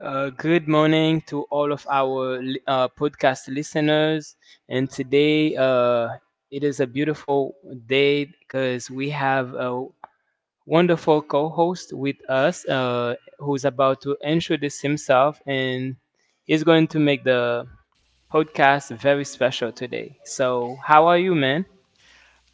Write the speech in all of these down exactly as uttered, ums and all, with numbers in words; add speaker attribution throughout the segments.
Speaker 1: Uh, good morning to all of our li- uh, podcast listeners. And today, uh, it is a beautiful day because we have a wonderful co host with us, uh, who's about to introduce himself and is going to make the podcast very special today. So, how are you, man?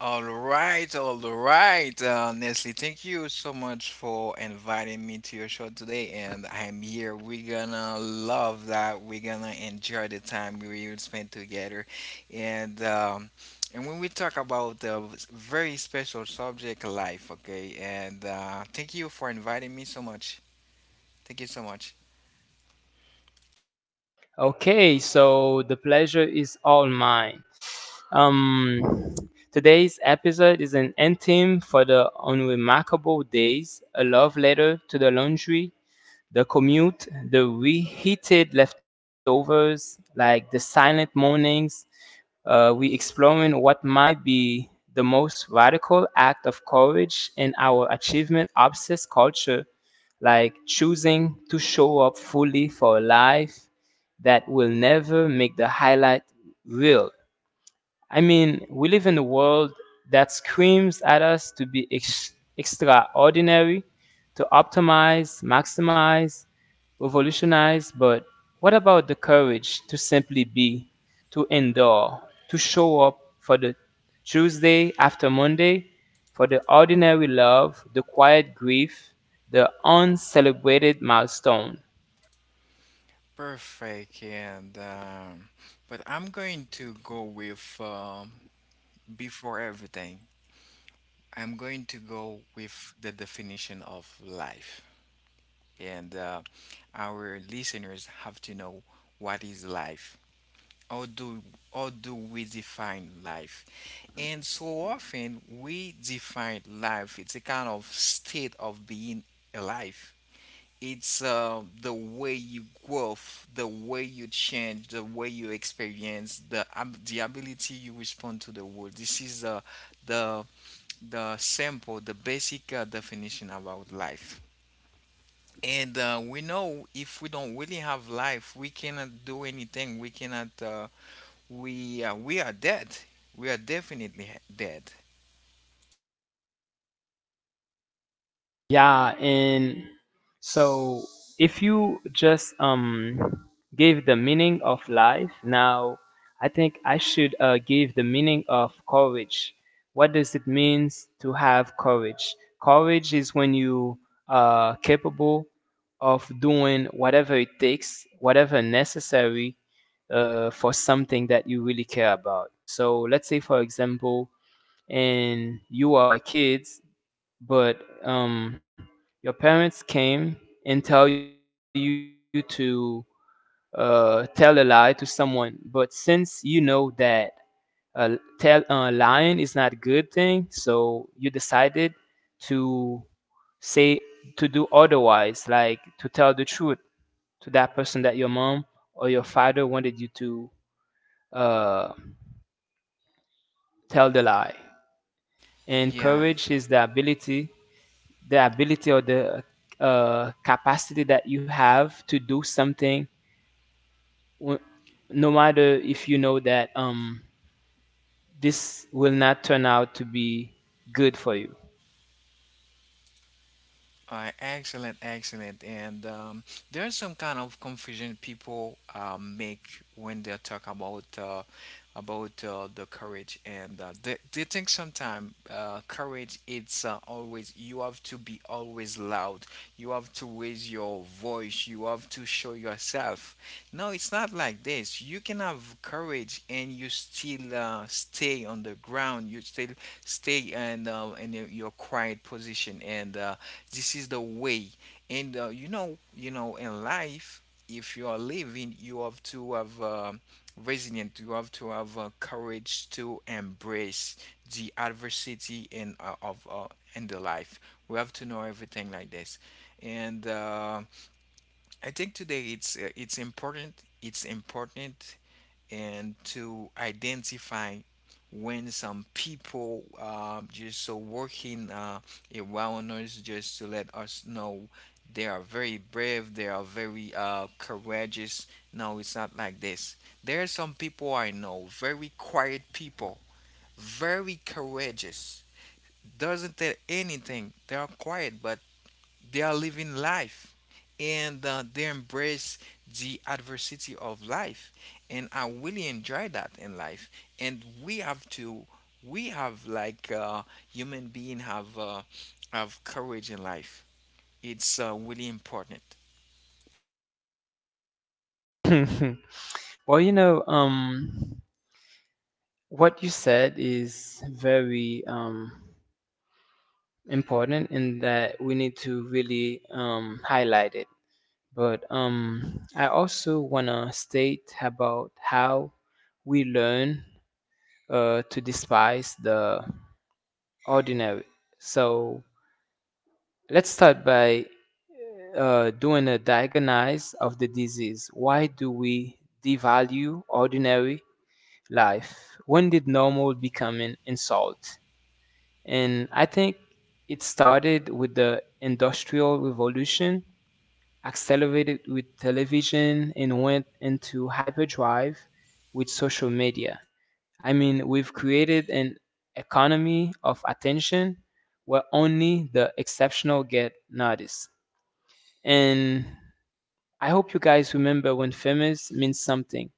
Speaker 2: All right, all right. Uh, Nestle, thank you so much for inviting me to your show today. And I'm here. We're gonna love that. We're gonna enjoy the time we will spend together. And um, and when we talk about the very special subject, life. Okay. And uh, thank you for inviting me so much. Thank you so much.
Speaker 1: Okay, so the pleasure is all mine. Um, Today's episode is an anthem for the unremarkable days, a love letter to the laundry, the commute, the reheated leftovers, like the silent mornings. Uh, we exploring what might be the most radical act of courage in our achievement obsessed culture, like choosing to show up fully for a life that will never make the highlight real. I mean, we live in a world that screams at us to be ex- extraordinary, to optimize, maximize, revolutionize, but what about the courage to simply be, to endure, to show up for the Tuesday after Monday, for the ordinary love, the quiet grief, the uncelebrated milestone?
Speaker 2: Perfect. And um, but I'm going to go with um, before everything. I'm going to go with the definition of life. And uh, our listeners have to know what is life. How do, how do we define life? And so often we define life, it's a kind of state of being alive. It's uh, the way you grow, the way you change, the way you experience, the, ab- the ability you respond to the world. This is uh, the the simple, the basic uh, definition about life. And uh, we know if we don't really have life, we cannot do anything. We cannot. Uh, we uh, we are dead. We are definitely dead.
Speaker 1: Yeah, and so if you just um give the meaning of life, now I think I should uh, give the meaning of courage. What does it mean to have courage? Courage is when you are capable of doing whatever it takes, whatever necessary uh, for something that you really care about. So let's say, for example, and you are a kid, but um, your parents came and tell you to uh, tell a lie to someone. But since you know that uh, tell uh, lying is not a good thing, so you decided to say to do otherwise, like to tell the truth to that person that your mom or your father wanted you to uh, tell the lie. And
Speaker 2: Yeah.
Speaker 1: courage is the ability, the ability or the uh, capacity that you have to do something, w- no matter if you know that um, this will not turn out to be good for you.
Speaker 2: Uh, excellent, excellent. And um, there's some kind of confusion people uh, make when they talk about uh, about uh, the courage, and uh, they, they think sometimes uh, courage it's uh, always you have to be always loud, you have to raise your voice, you have to show yourself. No, it's not like this. You can have courage and you still uh, stay on the ground. You still stay and uh, in your your quiet position and. Uh, this is the way and uh, you know you know in life if you are living you have to have uh, resilient, you have to have uh, courage to embrace the adversity in uh, of uh, in the life. We have to know everything like this, and uh, I think today it's uh, it's important it's important and to identify when some people uh, just so working uh, around us just to let us know they are very brave, they are very uh, courageous. No, it's not like this. There are some people I know, very quiet people, very courageous, doesn't tell anything, they are quiet, but they are living life, and uh, they embrace the adversity of life. And I really enjoy that in life. And we have to, we have like uh, human being have uh, have courage in life. It's uh, really important.
Speaker 1: well, you know, um, what you said is very um, important, in that we need to really um, highlight it. But um, I also want to state about how we learn uh, to despise the ordinary. So let's start by uh, doing a diagnosis of the disease. Why do we devalue ordinary life? When did normal become an insult? And I think it started with the Industrial Revolution, accelerated with television, and went into hyperdrive with social media. I mean, we've created an economy of attention where only the exceptional get noticed. And I hope you guys remember when famous means something.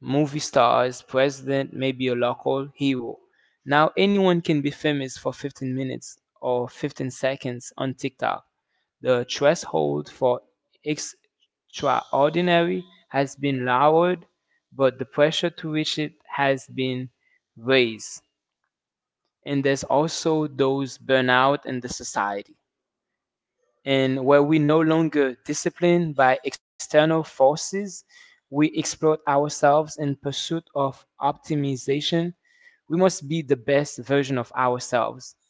Speaker 1: Movie stars, president, maybe a local hero. Now anyone can be famous for fifteen minutes or fifteen seconds on TikTok. The threshold for extraordinary has been lowered, but the pressure to reach it has been raised. And there's also those burnout in the society, and where we no longer disciplined by external forces, we exploit ourselves in pursuit of optimization. We must be the best version of ourselves,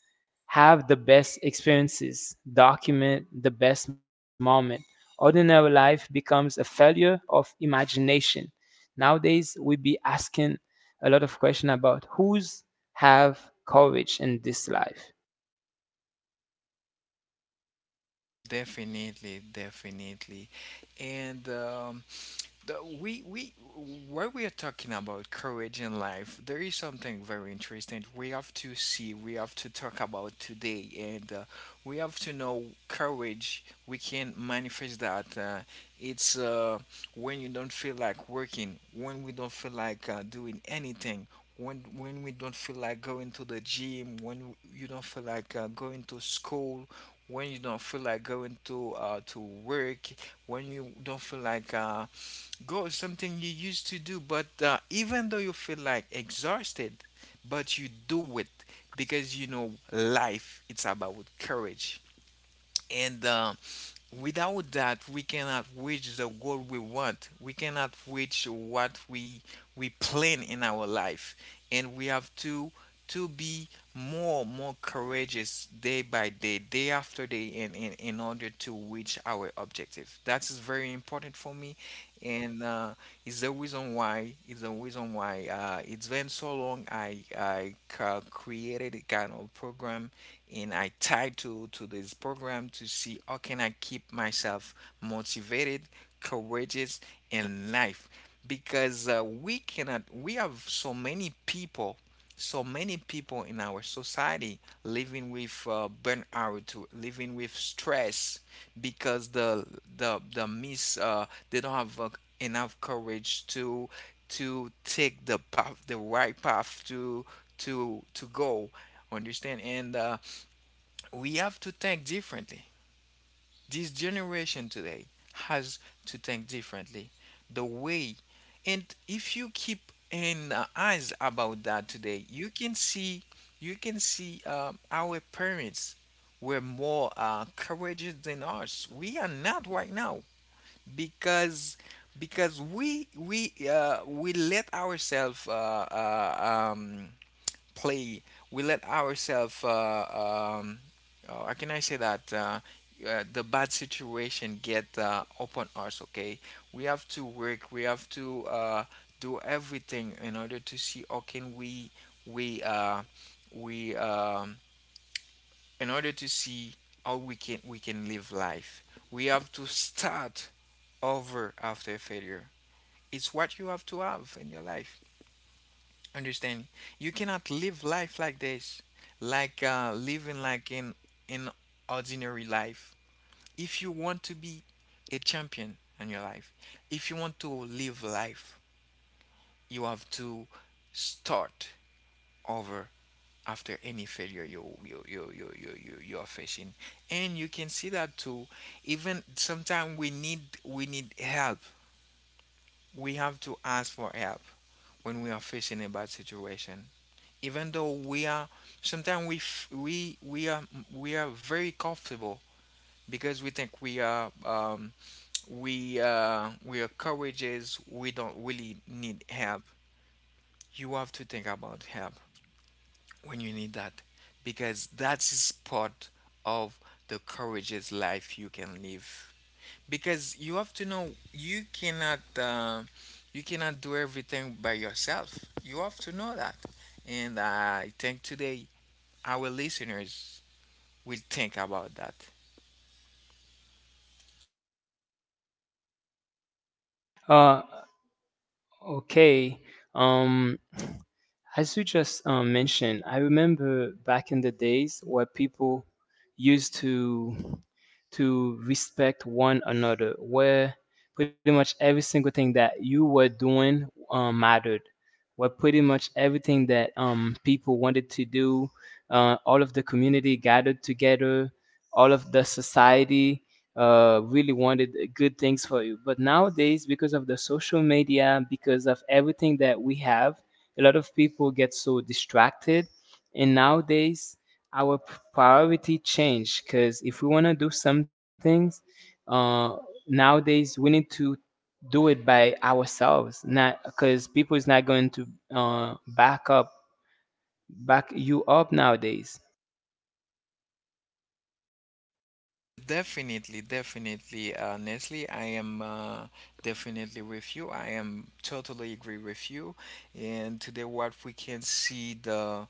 Speaker 1: have the best experiences, document the best moment. Ordinary life becomes a failure of imagination. Nowadays we be asking a lot of question about who's have courage in this life.
Speaker 2: Definitely, definitely. And um, the, we we when we are talking about courage in life, there is something very interesting we have to see, we have to talk about today, and uh, we have to know courage. We can manifest that. Uh, it's uh, when you don't feel like working, when we don't feel like uh, doing anything. When, when we don't feel like going to the gym, when you don't feel like uh, going to school, when you don't feel like going to uh, to work, when you don't feel like uh, go is something you used to do, but uh, even though you feel like exhausted, but you do it because you know life. It's about courage, and uh, without that, we cannot reach the goal we want. We cannot reach what we we plan in our life, and we have to to be more more courageous day by day, day after day, in in, in order to reach our objective. That is very important for me, and uh, it's the reason why it's the reason why uh, it's been so long. I I uh, created a kind of program and I title to to this program to see how can I keep myself motivated, courageous in life, because uh, we cannot, we have so many people so many people in our society living with uh, burnout to- living with stress because the the the miss uh, they don't have uh, enough courage to to take the path, the right path, to to to go, understand, and uh, we have to think differently. This generation today has to think differently. The way, and if you keep an uh, eyes about that today, you can see, you can see um, our parents were more uh, courageous than us. We are not right now because because we we uh, we let ourselves uh, uh, um, play. We let ourselves, uh, um, oh, how can I say that? Uh, uh, the bad situation get uh, upon us. Okay, we have to work. We have to uh, do everything in order to see how can we we uh, we um, in order to see how we can we can live life. We have to start over after failure. It's what you have to have in your life. Understanding. You cannot live life like this, like uh, living like in in ordinary life. If you want to be a champion in your life, if you want to live life, you have to start over after any failure you you you you you you, you are facing, and you can see that too. Even sometimes we need we need help. We have to ask for help when we are facing a bad situation, even though we are, sometimes we f- we we are we are very comfortable because we think we are um, we uh, we are courageous, we don't really need help. You have to think about help when you need that, because that is part of the courageous life you can live, because you have to know you cannot uh, you cannot do everything by yourself. You have to know that. And I think today our listeners will think about that.
Speaker 1: Uh, okay. Um, as you just uh, mentioned, I remember back in the days where people used to to respect one another, where pretty much every single thing that you were doing um, mattered, where pretty much everything that um, people wanted to do, uh, all of the community gathered together, all of the society uh, really wanted good things for you. But nowadays, because of the social media, because of everything that we have, a lot of people get so distracted. And nowadays, our p- priority change, because if we want to do some things, uh, nowadays we need to do it by ourselves, not because people is not going to uh, back up back you up nowadays.
Speaker 2: Definitely, definitely. Uh, Nestle, I am uh, definitely with you. I am totally agree with you. And today, what we can see, the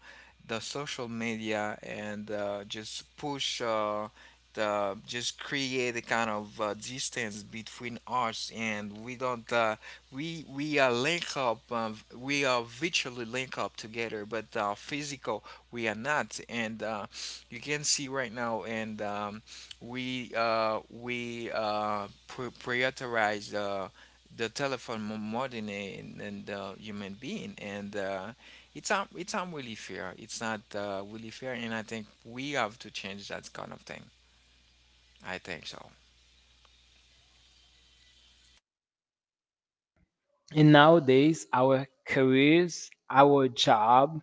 Speaker 2: the social media and uh, just push uh, the just create a kind of uh, distance between us, and we don't uh, we we are link up. Um, we are virtually link up together, but uh, physical we are not. And uh, you can see right now and. Um, we uh, we uh, pri- prioritize uh, the telephone mo- more than in, than the human being, and uh, it's not it's not really fair. It's not uh, really fair, and I think we have to change that kind of thing. I think so.
Speaker 1: And nowadays our careers, our job,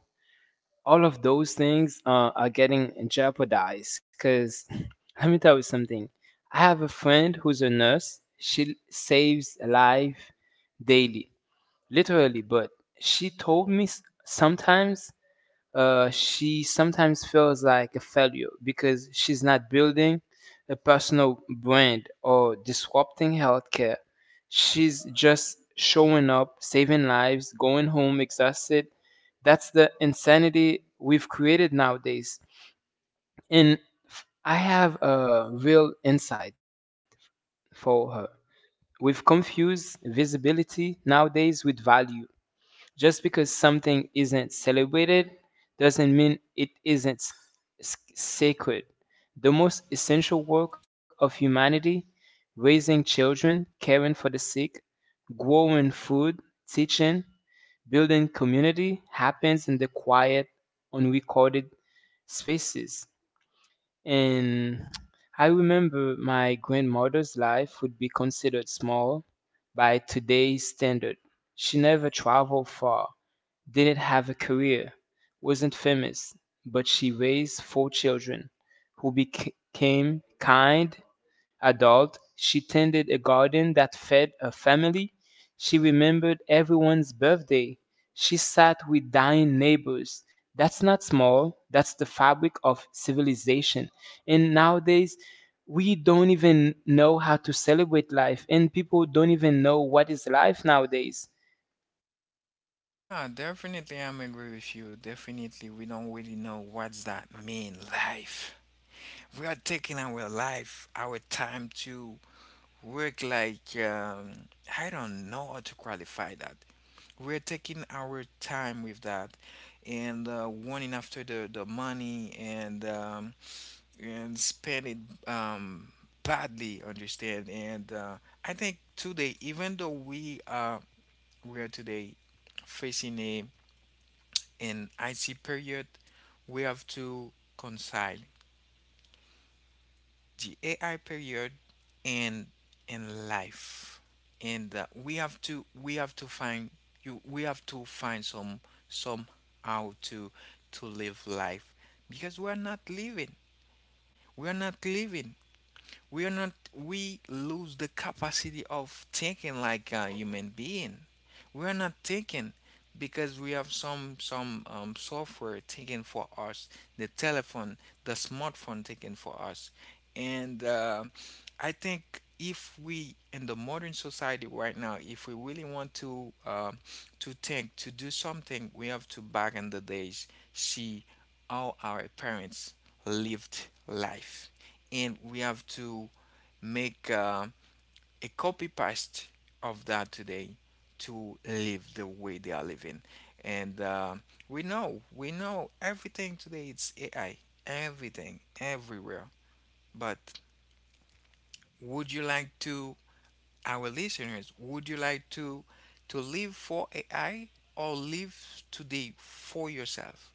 Speaker 1: all of those things uh, are getting jeopardized, because let me tell you something. I have a friend who's a nurse, she saves life daily. Literally, but she told me s- sometimes, uh, she sometimes feels like a failure because she's not building a personal brand or disrupting healthcare. She's just showing up, saving lives, going home exhausted. That's the insanity we've created nowadays. And f- I have a real insight for her. We've confused visibility nowadays with value. Just because something isn't celebrated doesn't mean it isn't s- s- sacred. The most essential work of humanity, raising children, caring for the sick, growing food, teaching, building community, happens in the quiet, unrecorded spaces. And I remember my grandmother's life would be considered small by today's standard. She never traveled far, didn't have a career, wasn't famous, but she raised four children who became kind adults. She tended a garden that fed a family. She remembered everyone's birthday. She sat with dying neighbors. That's not small, that's the fabric of civilization. And nowadays, we don't even know how to celebrate life, and people don't even know what is life nowadays.
Speaker 2: Yeah, definitely, I'm agree with you. Definitely, we don't really know what's that mean. Life. We are taking our life, our time to work like um, I don't know how to qualify that. We're taking our time with that, and uh, wanting after the, the money, and um, and spend it um, badly, understand, and uh, I think today, even though we are we are today facing a an it period, we have to concise the A I period and in life. And uh, we have to we have to find you we have to find some somehow to to live life, because we are not living. We are not living we are not, we lose the capacity of thinking like a human being. We are not thinking because we have some some um, software taken for us, the telephone, the smartphone taken for us, and uh, I think if we in the modern society right now, if we really want to uh, to think, to do something, we have to back in the days, see how our parents lived life, and we have to make uh, a copy paste of that today, to live the way they are living, and uh, we know, we know everything today it's AI, everything everywhere, but would you like to, our listeners, would you like to to live for AI or live today for yourself?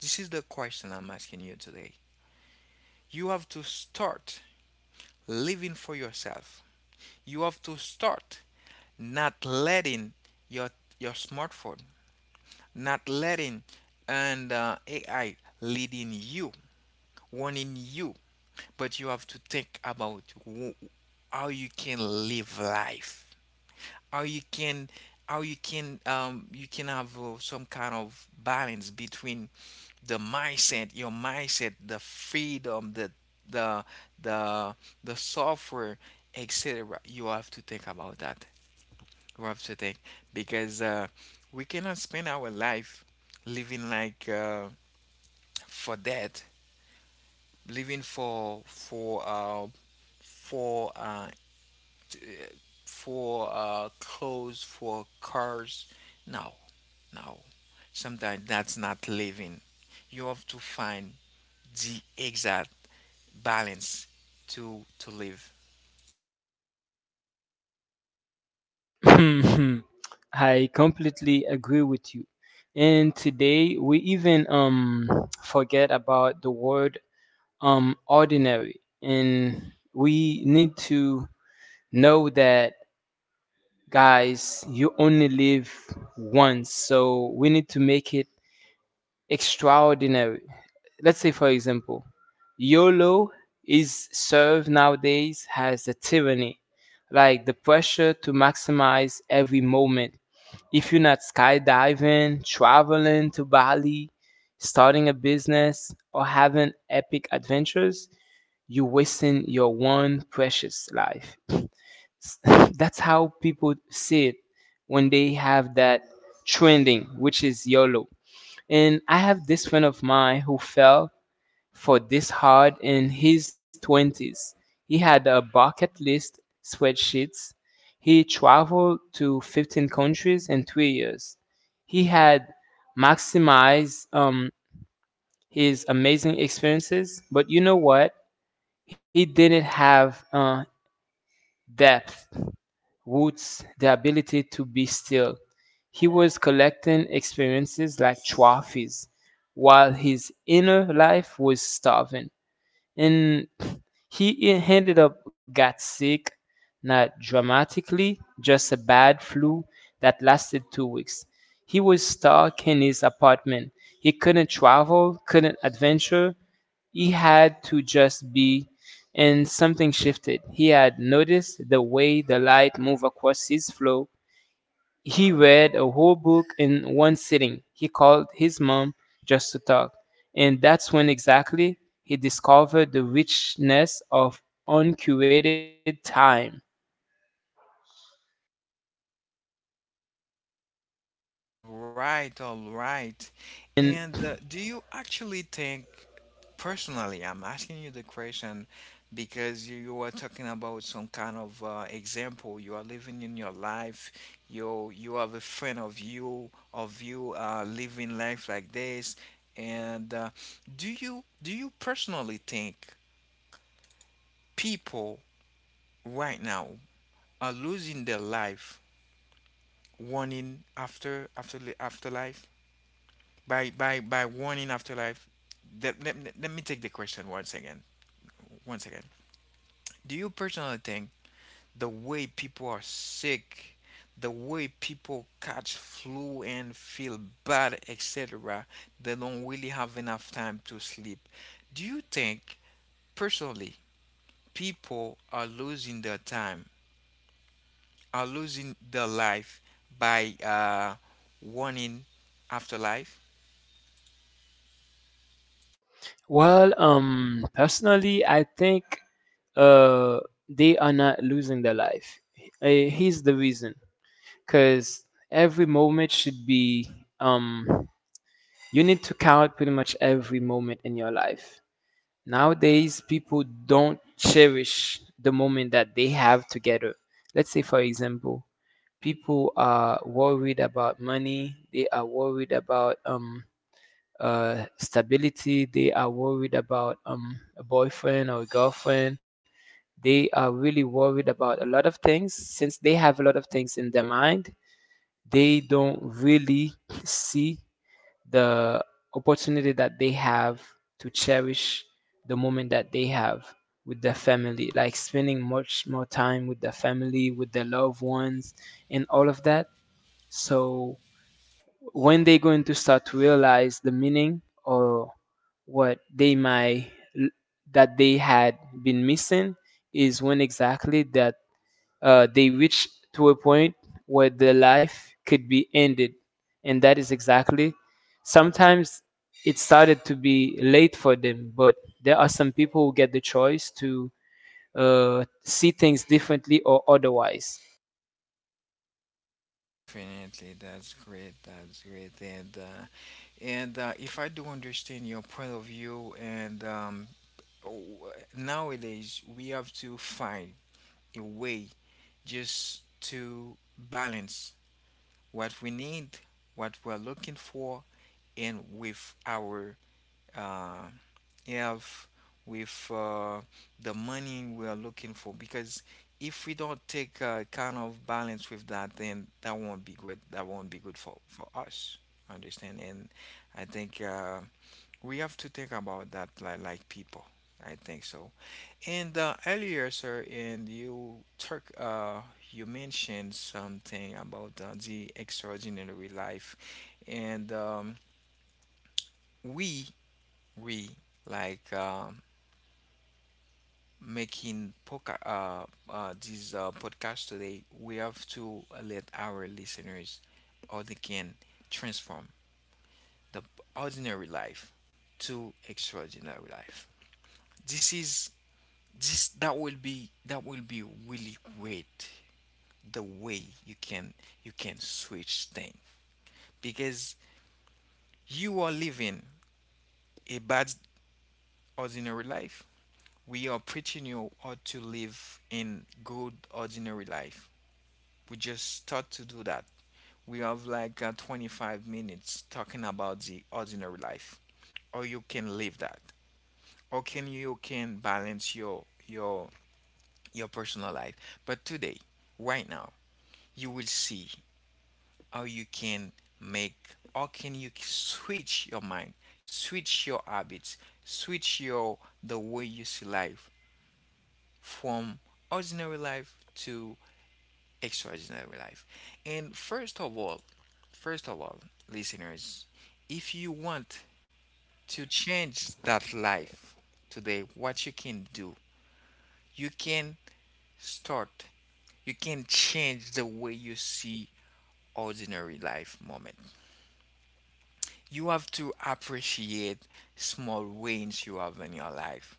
Speaker 2: This is the question I'm asking you today. You have to start living for yourself. You have to start not letting your your smartphone, not letting and uh, A I leading you, warning you, but you have to think about wh- how you can live life, how you can how you can um, you can have uh, some kind of balance between the mindset, your mindset, the freedom, the the the the software, et cetera. You have to think about that. Rough to think, because uh, we cannot spend our life living like uh, for that, living for for uh, for uh, for uh, clothes, for cars. No, no. Sometimes that's not living. You have to find the exact balance to to live.
Speaker 1: I completely agree with you. And today we even um forget about the word um ordinary, and we need to know that, guys, you only live once, so we need to make it extraordinary. Let's say for example YOLO is served nowadays has a tyranny, like the pressure to maximize every moment. If you're not skydiving, traveling to Bali, starting a business, or having epic adventures, you're wasting your one precious life. That's how people see it when they have that trending, which is YOLO. And I have this friend of mine who fell for this hard in his twenties. He had a bucket list spreadsheets. He traveled to fifteen countries in three years. He had maximized um, his amazing experiences, but you know what? He didn't have uh, depth, roots, the ability to be still. He was collecting experiences like trophies while his inner life was starving, and he e- ended up got sick, not dramatically, just a bad flu that lasted two weeks. He was stuck in his apartment. He couldn't travel, couldn't adventure. He had to just be, and something shifted. He had noticed the way the light moved across his floor. He read a whole book in one sitting. He called his mom just to talk. And that's when exactly he discovered the richness of uncurated time.
Speaker 2: Right, all right.
Speaker 1: And
Speaker 2: And uh, do you actually think, personally, I'm asking you the question, because you, you were talking about some kind of uh, example. You are living in your life. You you have a friend of you of you uh, living life like this. And uh, do you do you personally think people right now are losing their life, one in after after afterlife? by by by warning afterlife. That, let, let me take the question once again, once again do you personally think, the way people are sick, the way people catch flu and feel bad etc, they don't really have enough time to sleep, do you think, personally, people are losing their time, are losing their life by uh warning afterlife?
Speaker 1: well, um, personally, I think uh, they are not losing their life. Uh, here's the reason, because every moment should be, um, you need to count pretty much every moment in your life. Nowadays, people don't cherish the moment that they have together. Let's say, for example, people are worried about money, they are worried about um, uh, stability, they are worried about um, a boyfriend or a girlfriend. They are really worried about a lot of things. Since they have a lot of things in their mind, they don't really see the opportunity that they have to cherish the moment that they have with their family, like spending much more time with their family, with their loved ones, and all of that. So, when they're going to start to realize the meaning, or what they might that they had been missing, is when exactly that uh, they reached to a point where their life could be ended. And that is exactly, sometimes, it started to be late for them, but there are some people who get the choice to uh, see things differently or otherwise.
Speaker 2: Definitely, that's great. That's great. And uh, and uh, if I do understand your point of view, and um, w- nowadays we have to find a way just to balance what we need, what we're looking for, and with our uh, have with uh, the money we are looking for, because if we don't take a kind of balance with that, then that won't be good, that won't be good for for us, understand? And I think uh, we have to think about that, like, like people, I think so. And uh, earlier sir, and you took uh, you mentioned something about uh, the extraordinary life, and um, we we like um, making poca- uh, uh, this uh, podcast today, we have to let our listeners how they can transform the ordinary life to extraordinary life. This is this that will be that will be really great, the way you can you can switch things. Because you are living a bad ordinary life, we are preaching you how to live in good ordinary life. We just start to do that. We have, like uh, twenty-five minutes talking about the ordinary life, or you can live that, or can you, can balance your your your personal life. But today, right now, you will see how you can make, or can you switch your mind, switch your habits, switch your the way you see life from ordinary life to extraordinary life. And first of all, first of all, listeners, if you want to change that life today, what you can do, you can start, you can change the way you see ordinary life moment. You have to appreciate small wins you have in your life.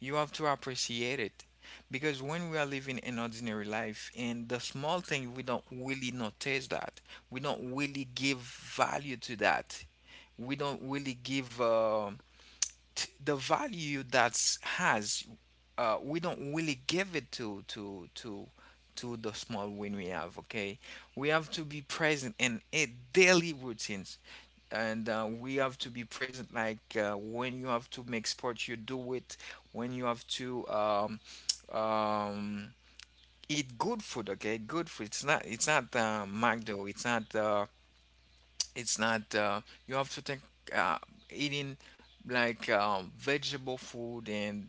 Speaker 2: You have to appreciate it, because when we are living an ordinary life and the small thing, we don't really notice that. We don't really give value to that. We don't really give uh, t- the value that has. Uh, we don't really give it to to to to the small win we have. Okay, we have to be present in a daily routine, and uh, we have to be present, like uh, when you have to make sport, you do it. When you have to um, um, eat good food, okay, good food, it's not, it's not uh, mcdo it's not uh, it's not uh, you have to think uh, eating like um, vegetable food and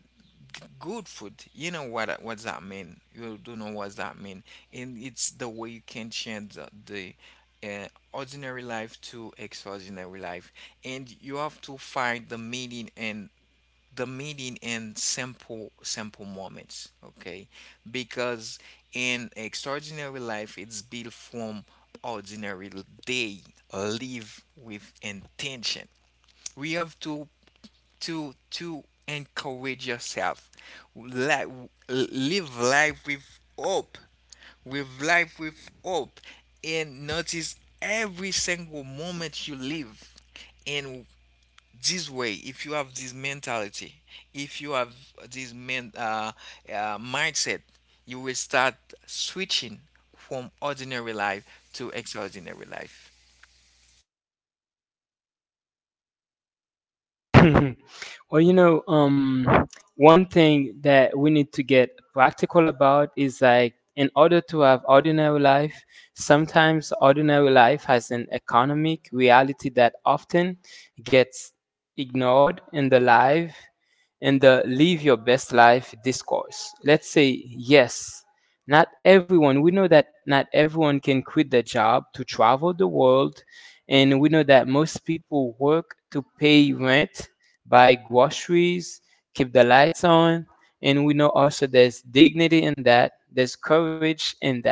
Speaker 2: good food, you know what that- what's that mean? You don't know what's that mean. And it's the way you can change the the, uh, ordinary life to extraordinary life. And you have to find the meaning, and the meaning in simple simple moments, okay? Because in extraordinary life, it's built from ordinary day. Live with intention. We have to to to encourage yourself. Li- Live life with hope. With life with hope, and notice every single moment you live. And this way, if you have this mentality, if you have this men, uh, uh, mindset, you will start switching from ordinary life to extraordinary life.
Speaker 1: Well, you know, um, one thing that we need to get practical about is like, in order to have ordinary life, sometimes ordinary life has an economic reality that often gets ignored in the live in the live your best life discourse. Let's say yes, not everyone, we know that not everyone can quit their job to travel the world, and we know that most people work to pay rent, buy groceries, keep the lights on, and we know also there's dignity in that, there's courage in that.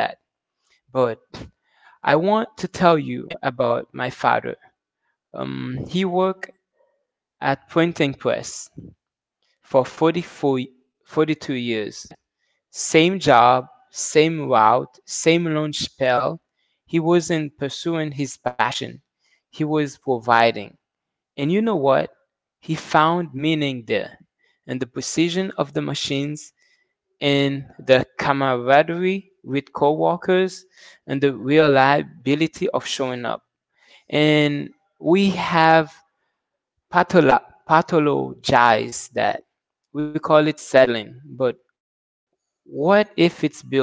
Speaker 1: But I want to tell you about my father. Um, he worked at printing press for forty-four forty-two years. Same job, same route, same lunch spell. He wasn't pursuing his passion. He was providing. And you know what? He found meaning there, in the precision of the machines, in the camaraderie with coworkers, and the reliability of showing up. And we have pathola- pathologized that. We call it settling, but what if it's building?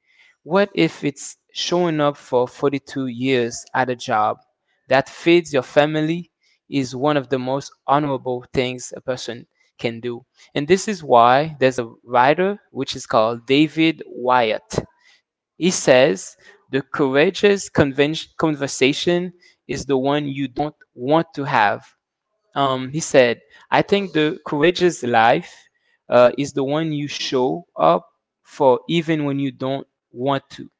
Speaker 1: What if it's showing up for forty-two years at a job that feeds your family is one of the most honorable things a person can do. And this is why there's a writer which is called David Wyatt. He says, the courageous conven- conversation is the one you don't want to have. Um, he said, I think the courageous life uh, is the one you show up for even when you don't want to.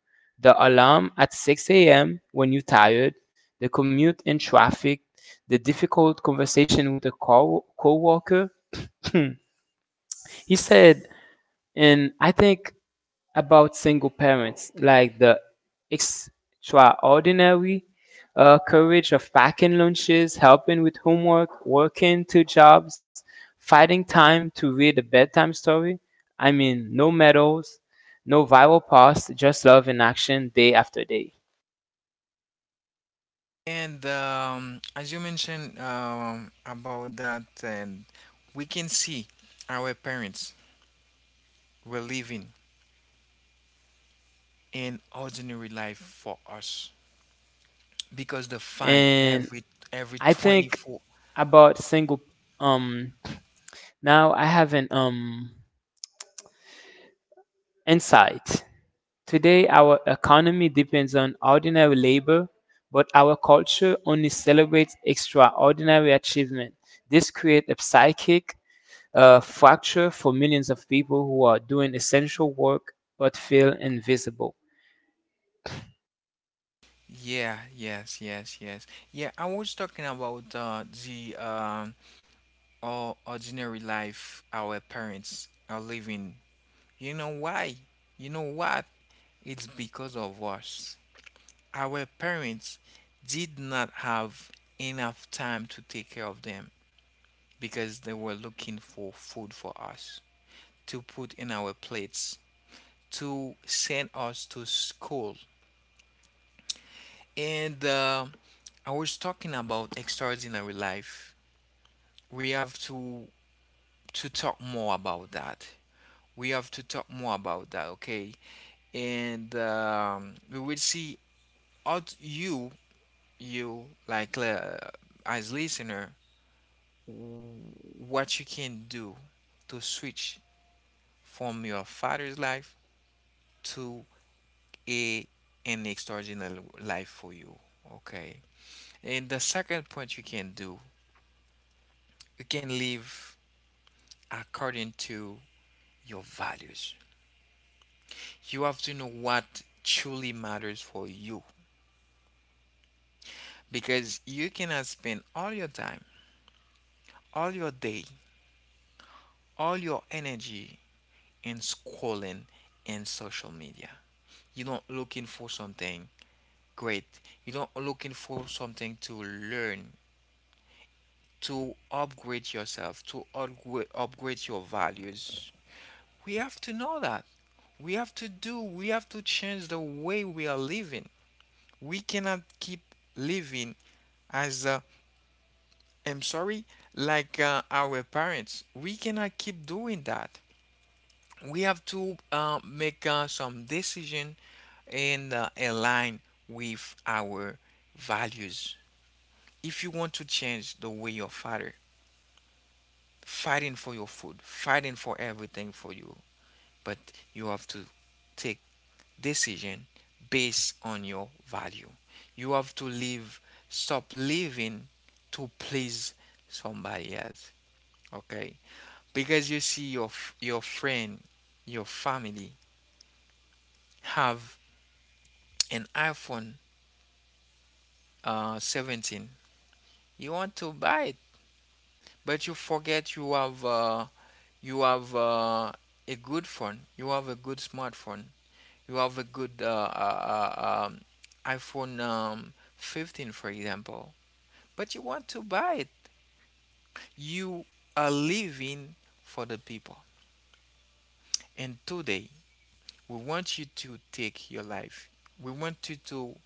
Speaker 1: The alarm at six a m when you're tired, the commute in traffic, the difficult conversation with a co- coworker. He said, and I think about single parents, like the extraordinary uh, courage of packing lunches, helping with homework, working two jobs, fighting time to read a bedtime story. I mean, no medals, no viral posts, just love in action day after day.
Speaker 2: And um, as you mentioned um, about that, and we can see our parents were living an ordinary life for us, because the fight
Speaker 1: And
Speaker 2: every every
Speaker 1: I think
Speaker 2: twenty-four.
Speaker 1: about single. Um now I have an um insight. Today, our economy depends on ordinary labor, but our culture only celebrates extraordinary achievement. This creates a psychic uh, fracture for millions of people who are doing essential work but feel invisible.
Speaker 2: Yeah, yes, yes, yes, yeah, I was talking about uh, the um or ordinary life our parents are living. You know why? You know what? It's because of us. Our parents did not have enough time to take care of them, because they were looking for food for us to put in our plates, to send us to school. And uh, I was talking about extraordinary life. We have to to talk more about that. We have to talk more about that, okay? And um, we will see how t- you, you like uh, as listener, what you can do to switch from your father's life to a, an extraordinary life for you, okay? And the second point you can do, you can live according to your values. You have to know what truly matters for you, because you cannot spend all your time, all your day, all your energy in scrolling and social media. You're not looking for something great. You don't looking for something to learn, to upgrade yourself, to upgrade, upgrade your values. We have to know that. We have to do, we have to change the way we are living. We cannot keep living as, uh, I'm sorry, like uh, our parents. We cannot keep doing that. We have to uh, make uh, some decision, and uh, align with our values. If you want to change the way your father fighting for your food, fighting for everything for you. But you have to take decision based on your value. You have to live, stop living to please somebody else. Okay, because you see your your friend, your family have an iPhone uh, seventeen. You want to buy it, but you forget you have uh, you have uh, a good phone. You have a good smartphone. You have a good uh, uh, uh, um, iPhone um, fifteen, for example, but you want to buy it. You are living for the people. And today, we want you to take your life. We want you to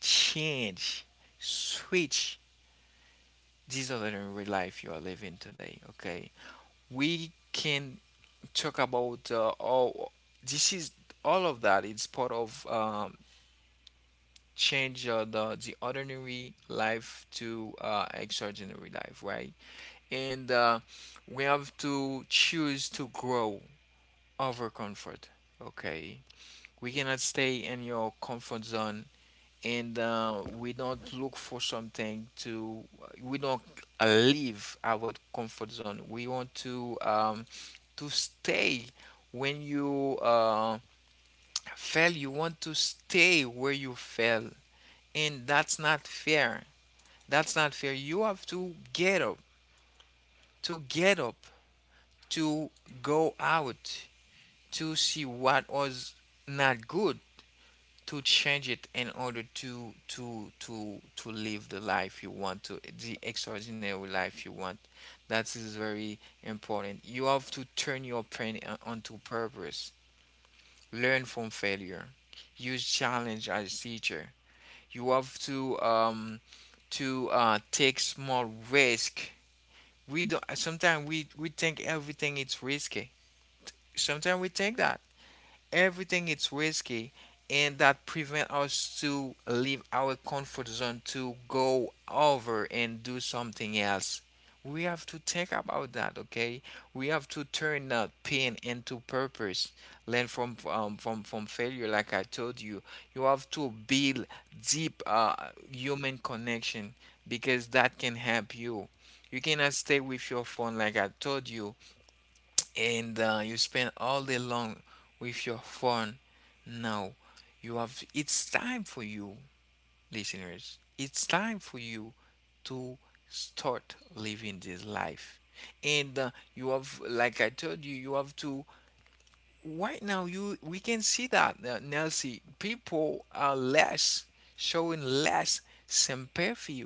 Speaker 2: change, switch this ordinary life you are living today. Okay, we can talk about uh, all. This is all of that. It's part of um, change uh, the the ordinary life to uh, extraordinary life, right? And uh, we have to choose to grow over comfort. Okay, we cannot stay in your comfort zone, and uh, we don't look for something to. We don't uh, leave our comfort zone. We want to um, to stay. When you uh, fail, you want to stay where you fell, and that's not fair, that's not fair. You have to get up, to get up, to go out, to see what was not good, to change it, in order to to to to live the life you want to, the extraordinary life you want. That is very important. You have to turn your pain uh, onto purpose. Learn from failure. Use challenge as teacher. You have to um to uh, take small risk. We don't Sometimes we we think everything is risky. Sometimes we think that everything it's risky, and that prevent us to leave our comfort zone, to go over and do something else. We have to think about that, okay? We have to turn that pain into purpose, learn from um, from from failure like I told you. You have to build deep uh, human connection, because that can help you. You cannot stay with your phone like I told you, and uh, you spend all day long with your phone. Now you have, it's time for you, listeners, it's time for you to start living this life. And uh, you have, like I told you, you have to, right now, you we can see that uh, Nancy, people are less showing less sympathy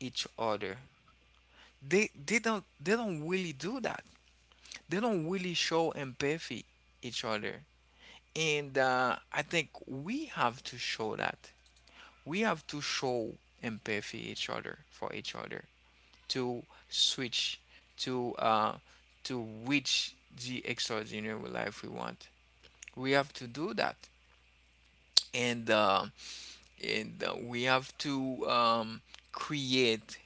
Speaker 2: each other. They they don't they don't really do that. They don't really show empathy each other. And uh, I think we have to show that. We have to show empathy each other, for each other, to switch to uh, to reach the extraordinary life we want. We have to do that, and uh, and uh, we have to um, create,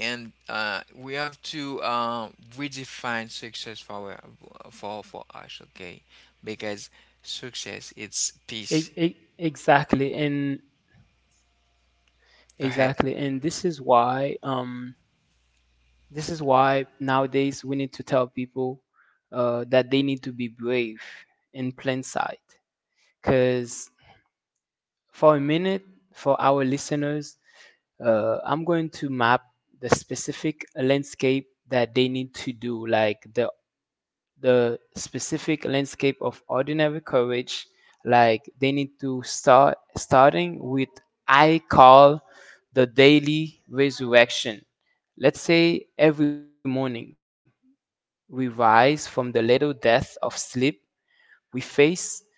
Speaker 2: and uh, we have to uh, redefine success for for for us. Okay, because success, it's
Speaker 1: E-
Speaker 2: peace.
Speaker 1: e- exactly, and
Speaker 2: Go ahead.
Speaker 1: exactly, and this is why um, this is why nowadays we need to tell people uh, that they need to be brave in plain sight, because for a minute, for our listeners, uh, I'm going to map the specific landscape that they need to do, like the the specific landscape of ordinary courage. Like they need to start starting with — I call — the daily resurrection. Let's say every morning we rise from the little death of sleep, we face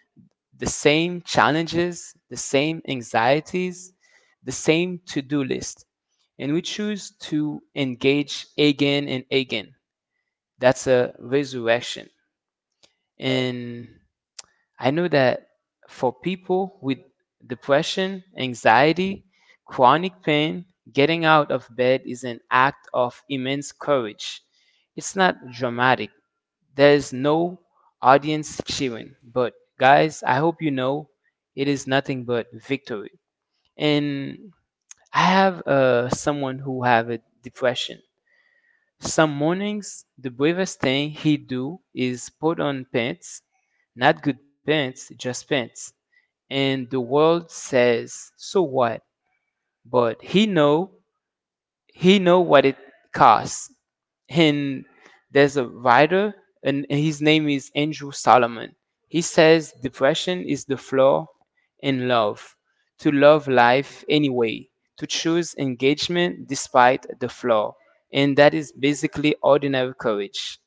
Speaker 1: the same challenges, the same anxieties, the same to do list. And we choose to engage again and again. That's a resurrection. And I know that for people with depression, anxiety, chronic pain, getting out of bed is an act of immense courage. It's not dramatic, there is no audience cheering, but guys, I hope you know it is nothing but victory. And I have uh, someone who have a depression. Some mornings, the bravest thing he do is put on pants, not good pants, just pants. And the world says, so what? But he know he know what it costs. And there's a writer, and his name is Andrew Solomon. He says depression is the flaw in love, to love life anyway, to choose engagement despite the flaw, and that is basically ordinary courage.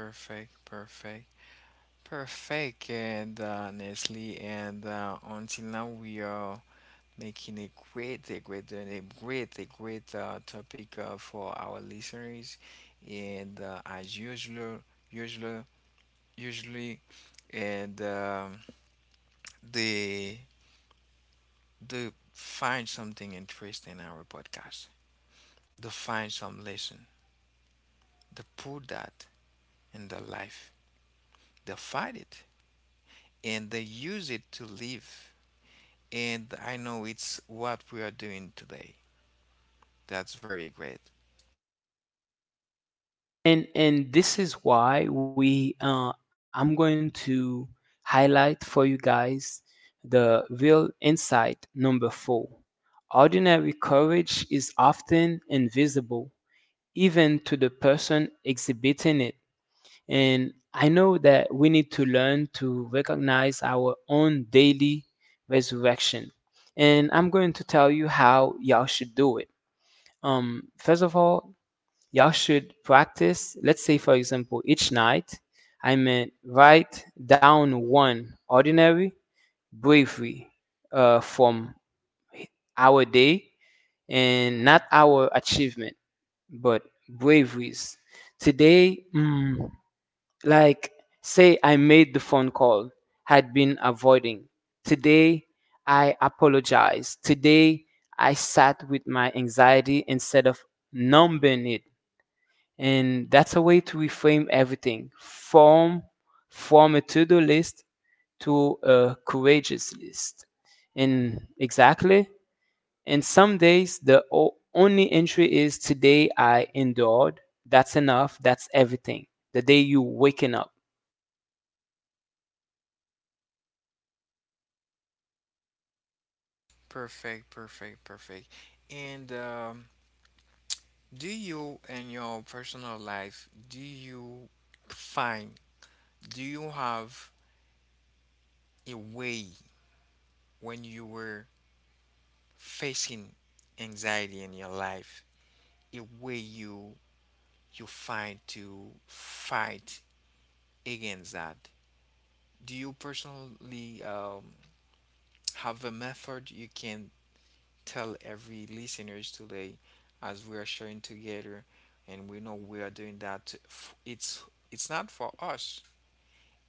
Speaker 2: Perfect, perfect, perfect. And uh, Nestle, and uh, until now we are making a great, a great, a great, a great uh, topic uh, for our listeners. And uh, as usual, usually, usually, and um, they they find something interesting in our podcast. They find some lesson. They put that in their life. They find it, and they use it to live. And I know it's what we are doing today. That's very great.
Speaker 1: And and this is why we, uh, I'm going to highlight for you guys the real insight number four. Ordinary courage is often invisible, even to the person exhibiting it. And I know that we need to learn to recognize our own daily resurrection. And I'm going to tell you how y'all should do it. Um, first of all, y'all should practice, let's say, for example, each night, I meant write down one ordinary bravery uh, from our day, and not our achievement, but braveries. Today, mm, like, say I made the phone call, had been avoiding. Today, I apologized. Today, I sat with my anxiety instead of numbing it. And that's a way to reframe everything Form, from a to do list to a courageous list. And exactly, and some days the o- only entry is, today I endured. That's enough. That's everything. The day you waking up.
Speaker 2: Perfect, perfect, perfect. And um, do you, in your personal life, do you find, do you have a way when you were facing anxiety in your life, a way you, you find to fight against that? Do you personally um, have a method you can tell every listeners today, as we are sharing together, and we know we are doing that to- f- it's it's not for us,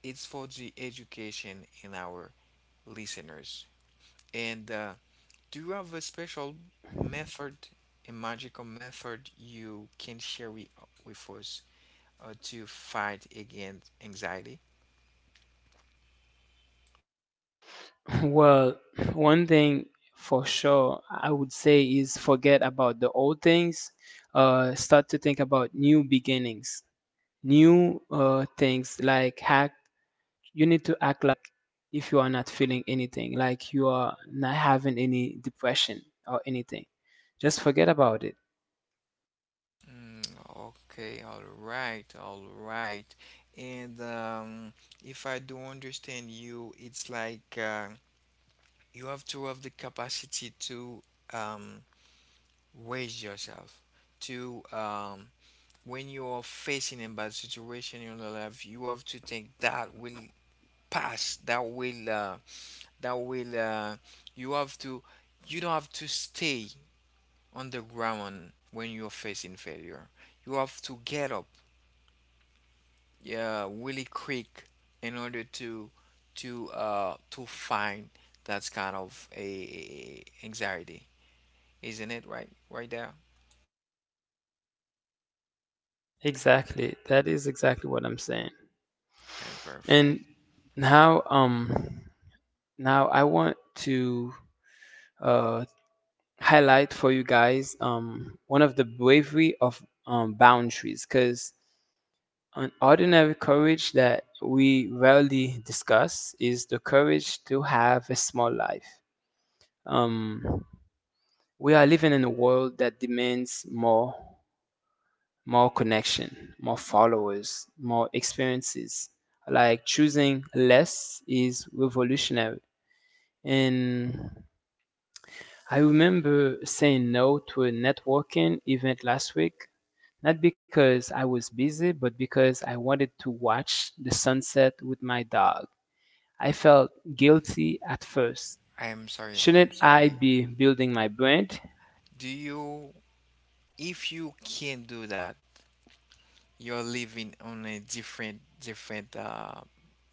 Speaker 2: it's for the education in our listeners. And uh, do you have a special method, a magical method you can share with, with us, uh, to fight against anxiety?
Speaker 1: Well, one thing for sure I would say is, forget about the old things. Uh, start to think about new beginnings, new uh, things, like hack. You need to act like if you are not feeling anything, like you are not having any depression or anything. Just forget about it.
Speaker 2: Mm. Okay, all right, all right. And um, if I do understand you, it's like uh, you have to have the capacity to um, raise yourself. To um, when you are facing a bad situation in your life, you have to think that will pass. That will uh, that will uh, you have to you don't have to stay on the ground when you're facing failure. You have to get up, yeah, really quick in order to to uh to find that's kind of a anxiety, isn't it? Right right there.
Speaker 1: Exactly. That is exactly what I'm saying.
Speaker 2: Yeah,
Speaker 1: And
Speaker 2: perfect.
Speaker 1: now, um, now I want to uh, highlight for you guys um, one of the bravery of um, boundaries, because an ordinary courage that we rarely discuss is the courage to have a small life. Um, we are living in a world that demands more more connection, more followers, more experiences. Like, choosing less is revolutionary. And I remember saying no to a networking event last week, not because I was busy, but because I wanted to watch the sunset with my dog. I felt guilty at first.
Speaker 2: i am sorry
Speaker 1: Shouldn't
Speaker 2: i'm
Speaker 1: I
Speaker 2: sorry
Speaker 1: be building my brand?
Speaker 2: Do you, if you can't do that, you're living on a different different uh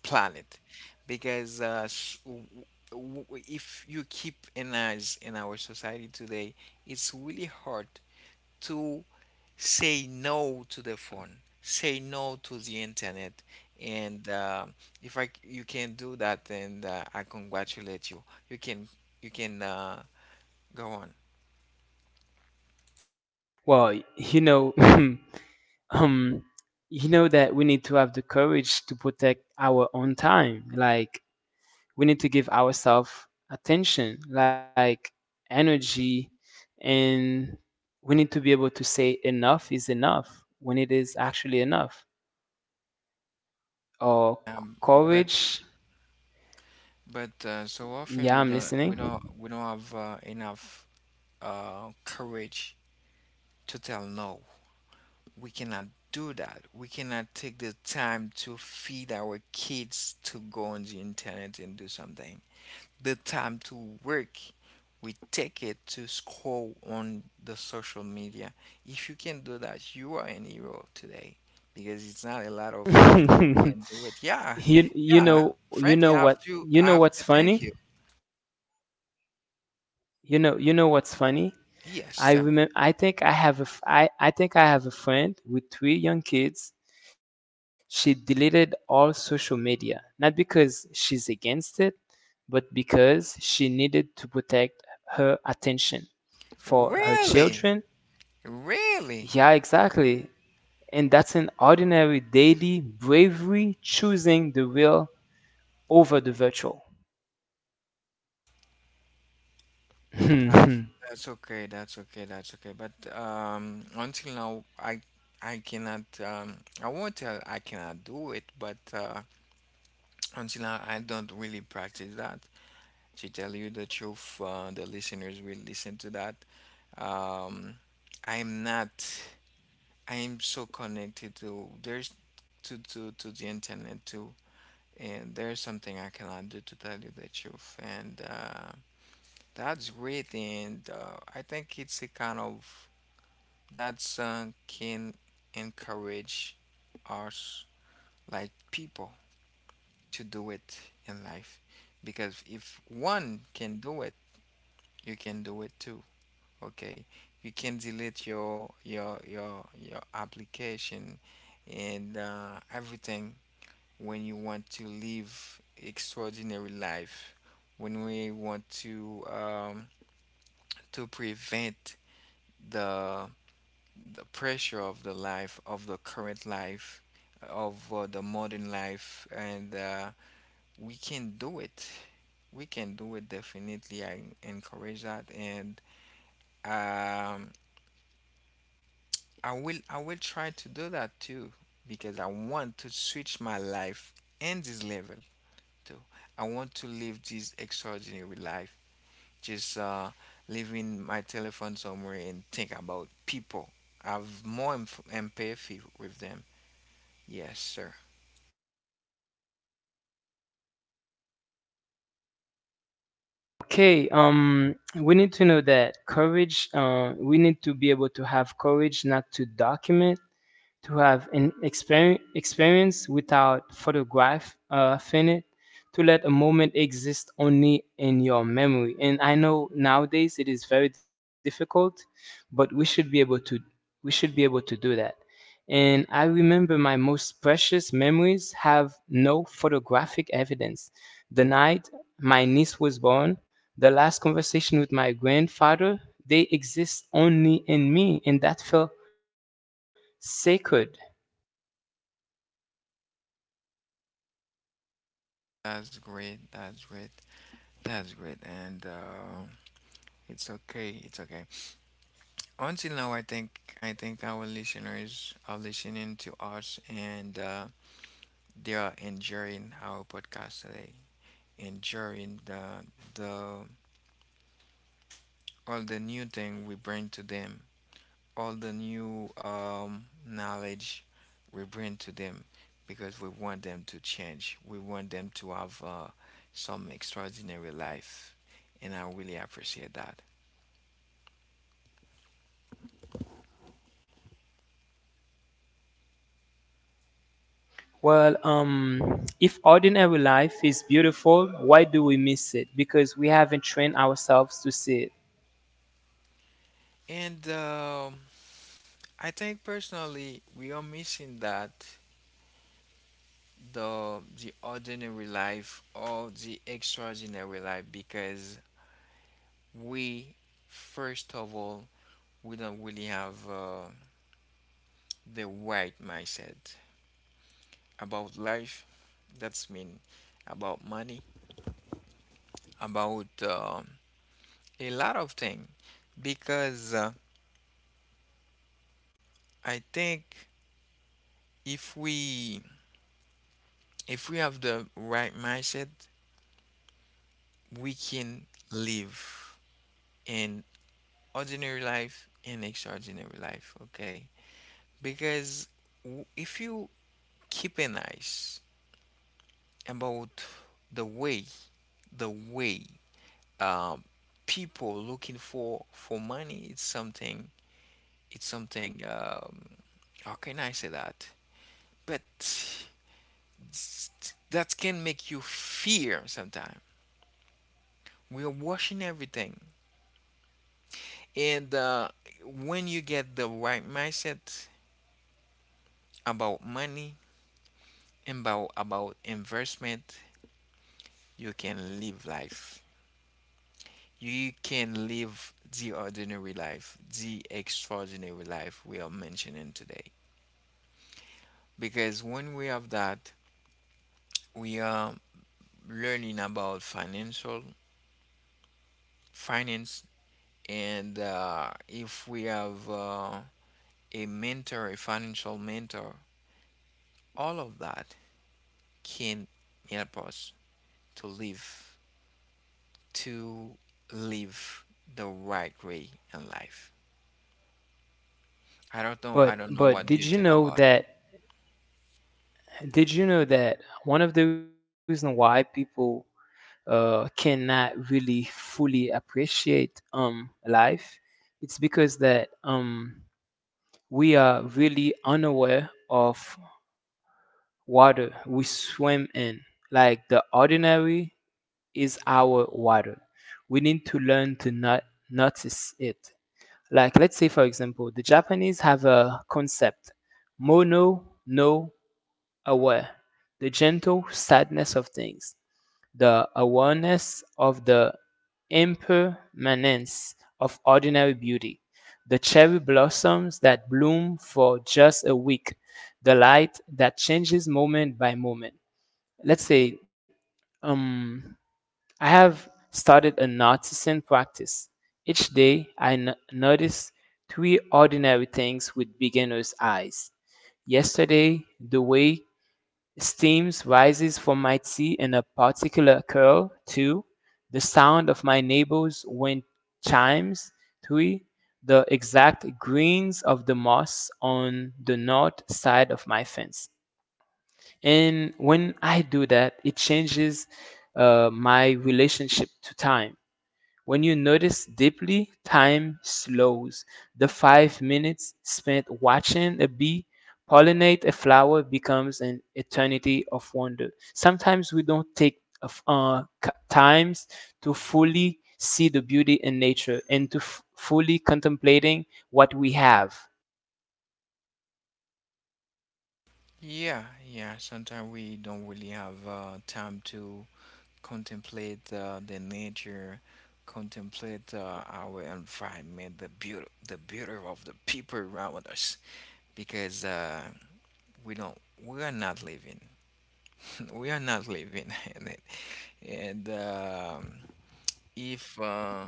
Speaker 2: planet, because uh s- w- w- w- if you keep in us in our society today, it's really hard to say no to the phone, say no to the internet. And uh, if I, you can do that, then uh, I congratulate you. You can you can uh, go on.
Speaker 1: Well, you know, um you know that we need to have the courage to protect our own time, like, we need to give ourselves attention, like, energy, and we need to be able to say enough is enough when it is actually enough, or c-
Speaker 2: But
Speaker 1: courage.
Speaker 2: but uh, so often we
Speaker 1: Yeah, I'm
Speaker 2: don't we
Speaker 1: listening.
Speaker 2: don't we don't have uh, enough uh, courage to tell no. We cannot do that. We cannot take the time to feed our kids, to go on the internet and do something, the time to work. We take it to scroll on the social media. If you can do that, you are an hero today, because it's not a lot of people can do it, yeah.
Speaker 1: you you
Speaker 2: Yeah,
Speaker 1: know you know
Speaker 2: frankly,
Speaker 1: what
Speaker 2: i have
Speaker 1: you
Speaker 2: to
Speaker 1: know
Speaker 2: i
Speaker 1: what's
Speaker 2: have to
Speaker 1: funny?
Speaker 2: thank you.
Speaker 1: You know you know what's funny?
Speaker 2: Yes,
Speaker 1: I
Speaker 2: tell me.
Speaker 1: remember. I think I have a. f- I I think I have a friend with three young kids. She deleted all social media, not because she's against it, but because she needed to protect her attention for her
Speaker 2: Really,
Speaker 1: children.
Speaker 2: really.
Speaker 1: Yeah, exactly. And that's an ordinary daily bravery, choosing the real over the virtual.
Speaker 2: that's that's okay that's okay That's okay, but um until now, i I cannot, um I won't tell I cannot do it, but uh until now I don't really practice that. To tell you the truth, uh, the listeners will listen to that. Um, I'm not. I'm so connected to there's to to to the internet too, and there's something I cannot do, to tell you the truth. And uh, that's great. And uh, I think it's a kind of that song can encourage us, like people, to do it in life, because if one can do it, you can do it too. Okay, you can delete your your your your application and uh, everything when you want to live extraordinary life. When we want to um, to prevent the the pressure of the life of the current life of uh, the modern life. And uh, we can do it. We can do it definitely. I encourage that. And. Um, I will I will try to do that too, because I want to switch my life in this level too. I want to live this extraordinary life. Just uh leaving my telephone somewhere and think about people. I have more em- empathy with them. Yes, sir.
Speaker 1: Okay, um, we need to know that courage, uh, we need to be able to have courage not to document, to have an exper- experience without photograph uh, in it, to let a moment exist only in your memory. And I know nowadays it is very difficult, but we should be able to we should be able to do that. And I remember my most precious memories have no photographic evidence. The night my niece was born, the last conversation with my grandfather, they exist only in me, and that felt sacred.
Speaker 2: That's great. That's great. That's great. And uh, it's okay. It's okay. Until now, I think I think our listeners are listening to us, and uh, they are enjoying our podcast today, enjoying the the all the new thing we bring to them, all the new um knowledge we bring to them, because we want them to change. We want them to have uh, some extraordinary life, and I really appreciate that.
Speaker 1: Well, um, if ordinary life is beautiful, why do we miss it? Because we haven't trained ourselves to see it.
Speaker 2: And um I think personally, we are missing that, the the ordinary life or the extraordinary life, because we, first of all, we don't really have uh, the right mindset about life. That's mean about money, about uh, a lot of things, because uh, I think if we if we have the right mindset, we can live in ordinary life and extraordinary life. Okay, because w- if you keep an eye about the way, the way um, people looking for for money, it's something, it's something, um, how can I say that? But s- that can make you fear sometimes. We are watching everything. And uh, when you get the right mindset about money and about about investment, you can live life, you can live the ordinary life, the extraordinary life we are mentioning today. Because when we have that, we are learning about financial finance. And uh, if we have uh, a mentor, a financial mentor, all of that can help us to live, to live the right way in life. I don't know. I
Speaker 1: But
Speaker 2: don't know
Speaker 1: but
Speaker 2: what do
Speaker 1: did
Speaker 2: you
Speaker 1: you
Speaker 2: think
Speaker 1: know
Speaker 2: about
Speaker 1: that did you know that one of the reasons why people uh, cannot really fully appreciate um, life, it's because that, um, we are really unaware of water we swim in. Like, the ordinary is our water. We need to learn to not notice it. Like, let's say, for example, the Japanese have a concept, mono no aware, the gentle sadness of things, the awareness of the impermanence of ordinary beauty, the cherry blossoms that bloom for just a week, the light that changes moment by moment. Let's say, um, I have started a noticing practice. Each day I n- notice three ordinary things with beginner's eyes. Yesterday, the way steam rises from my tea in a particular curl. Two, the sound of my neighbor's wind chimes. Three, the exact greens of the moss on the north side of my fence. And when I do that, it changes uh, my relationship to time. When you notice deeply, time slows. The five minutes spent watching a bee pollinate a flower becomes an eternity of wonder. Sometimes we don't take of, uh, c- times to fully see the beauty in nature, and to f- fully contemplating what we have.
Speaker 2: it. Yeah, yeah. Sometimes we don't really have uh, time to contemplate uh, the nature, contemplate uh, our environment, the beauty, the beauty of the people around us, because uh, we don't, we are not living, we are not living in it. And um, if uh,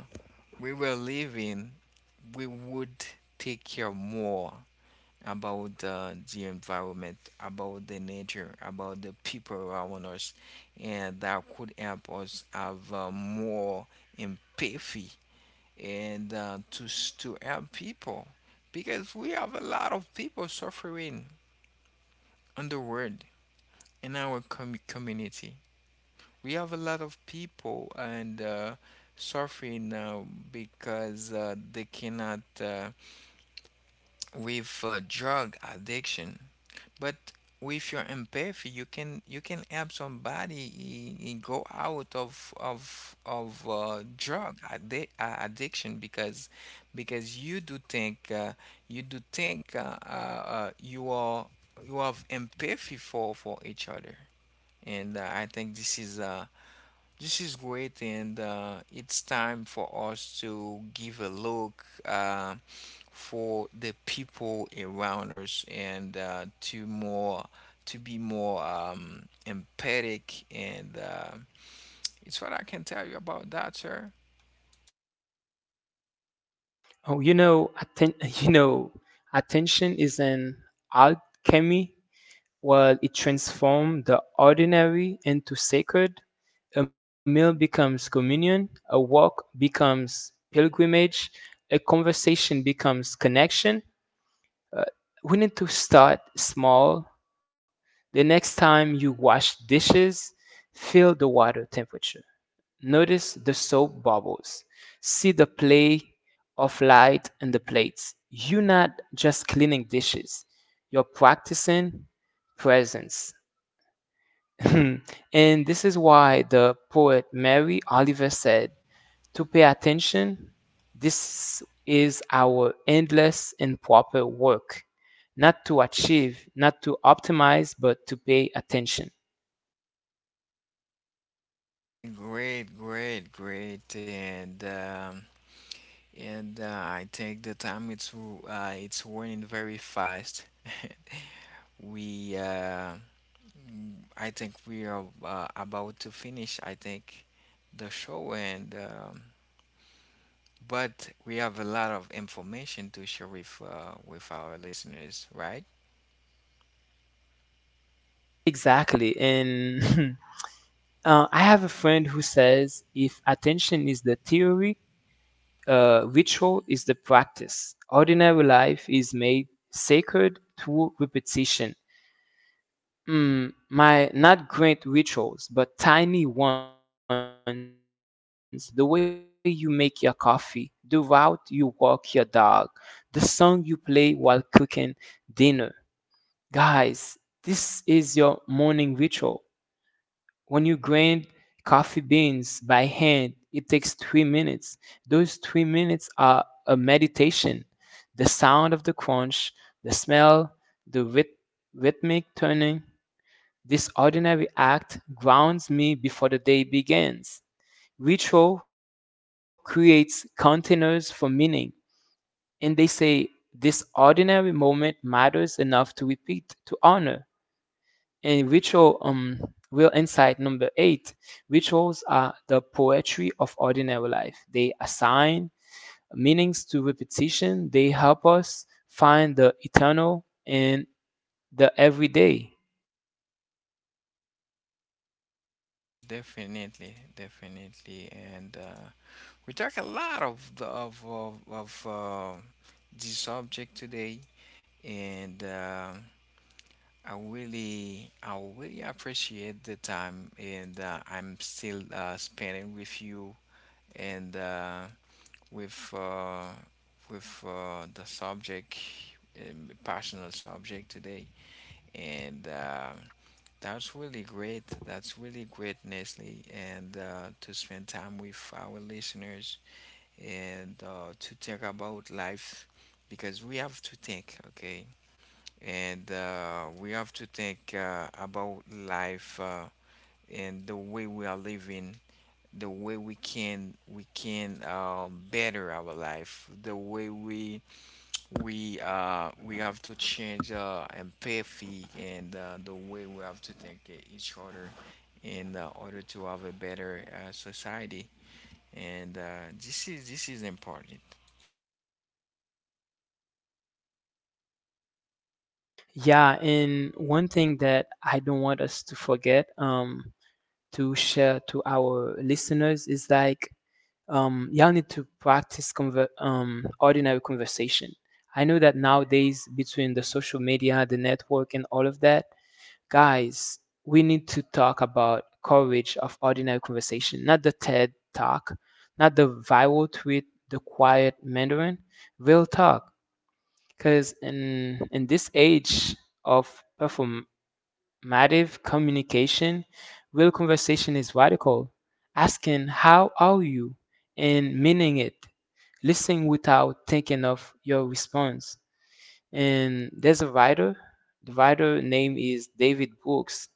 Speaker 2: we were living, we would take care more about uh, the environment, about the nature, about the people around us, and that could help us have uh, more empathy, and uh, to s- to help people, because we have a lot of people suffering on the world in our com- community. We have a lot of people and uh, suffering uh, because uh, they cannot. Uh, with uh, drug addiction. But with your empathy, you can, you can help somebody. i- I go out of of of uh, drug addi- uh, addiction, because because you do think uh, you do think, uh, uh, uh, you are, you have empathy for for each other. And uh, I think this is uh, this is great. And uh, it's time for us to give a look uh, for the people around us, and uh, to more, to be more um, empathic. And uh, it's what I can tell you about that, sir.
Speaker 1: Oh, you know, atten- you know, attention is an alchemy. While it transforms the ordinary into sacred, a meal becomes communion, a walk becomes pilgrimage, a conversation becomes connection. We need to start small. The next time you wash dishes, feel the water temperature. Notice the soap bubbles. See the play of light in the plates. You're not just cleaning dishes, you're practicing presence. And this is why the poet Mary Oliver said, to pay attention, this is our endless and proper work, not to achieve, not to optimize, but to pay attention.
Speaker 2: Great, great, great. And um, and uh, I think the time it's uh, it's running very fast. We uh, mm, I think we are uh, about to finish, I think, the show. And um, but we have a lot of information to share with uh, with our listeners, right?
Speaker 1: Exactly. And Uh, I have a friend who says if attention is the theory, uh, ritual is the practice. Ordinary life is made sacred through repetition. Mm, my not great rituals, but tiny ones, the way you make your coffee, the route you walk your dog, the song you play while cooking dinner. Guys, this is your morning ritual. When you grind coffee beans by hand, it takes three minutes. Those three minutes are a meditation. The sound of the crunch, the smell, the ryth- rhythmic turning. This ordinary act grounds me before the day begins. Ritual creates containers for meaning, and they say this ordinary moment matters enough to repeat, to honor. In ritual, um, real insight number eight: rituals are the poetry of ordinary life. They assign meanings to repetition, they help us find the eternal in the everyday.
Speaker 2: Definitely, definitely. And uh, we talk a lot of the, of of, of uh, this subject today. And uh, I really I really appreciate the time, and uh, I'm still uh, spending with you, and uh, with uh, with uh, the subject, um, personal subject today. And uh, that's really great. That's really great, Nestle. And uh, to spend time with our listeners and uh, to think about life, because we have to think, okay. And uh, we have to think uh, about life, uh, and the way we are living, the way we can we can um, better our life, the way we we uh, we have to change uh, empathy, and uh, the way we have to think of each other in uh, order to have a better uh, society. And uh, this is this is important.
Speaker 1: Yeah, and one thing that I don't want us to forget, um, to share to our listeners, is like, um, y'all need to practice conver- um, ordinary conversation. I know that nowadays, between the social media, the network, and all of that, guys, we need to talk about courage of ordinary conversation, not the TED talk, not the viral tweet, the quiet Mandarin, real talk. Because in in this age of perform massive communication, real conversation is radical. Asking, "How are you?" and meaning it. Listening without thinking of your response. And there's a writer, the writer name is David Brooks,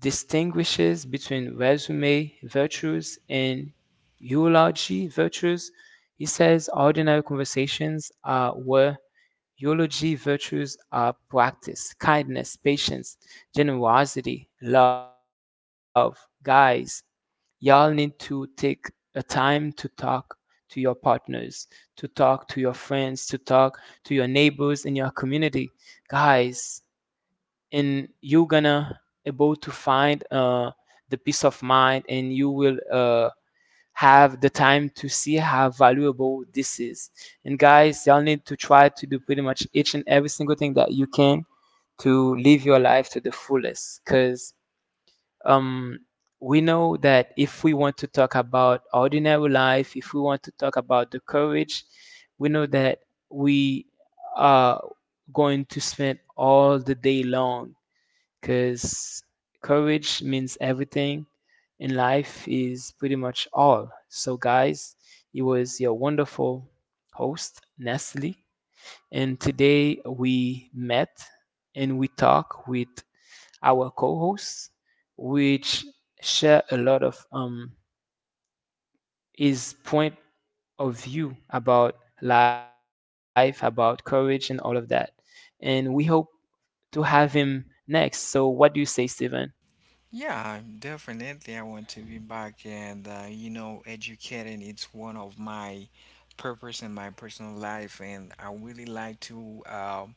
Speaker 1: distinguishes between resume virtues and eulogy virtues. He says ordinary conversations are where eulogy virtues are practice: kindness, patience, generosity, love. Guys, y'all need to take a time to talk to your partners, to talk to your friends, to talk to your neighbors in your community. Guys, and you gonna able to find uh, the peace of mind, and you will uh, have the time to see how valuable this is. And guys, y'all need to try to do pretty much each and every single thing that you can to live your life to the fullest. Because um, we know that if we want to talk about ordinary life, if we want to talk about the courage, we know that we are going to spend all the day long, because courage means everything and life is pretty much all. So, guys, it was your wonderful host, Nestle. And today we met and we talk with our co hosts, which share a lot of um, his point of view about life, about courage, and all of that. And we hope to have him next. So, what do you say, Steven?
Speaker 2: Yeah, definitely. I want to be back, and uh, you know, educating it's one of my purpose in my personal life, and I really like to. Um,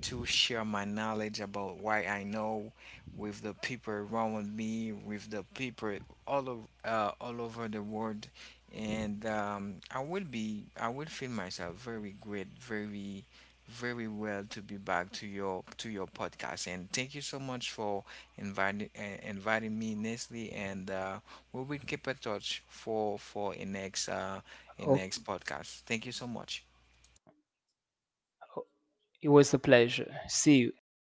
Speaker 2: to share my knowledge about what I know with the people around me, with the people all over, uh, all over the world. And um, I will be I will feel myself very great, very very well to be back to your to your podcast. And thank you so much for inviting uh, inviting me, Nestle. And uh, we will keep in touch for for a next uh, a next podcast. Thank you so much.
Speaker 1: It was a pleasure. See you.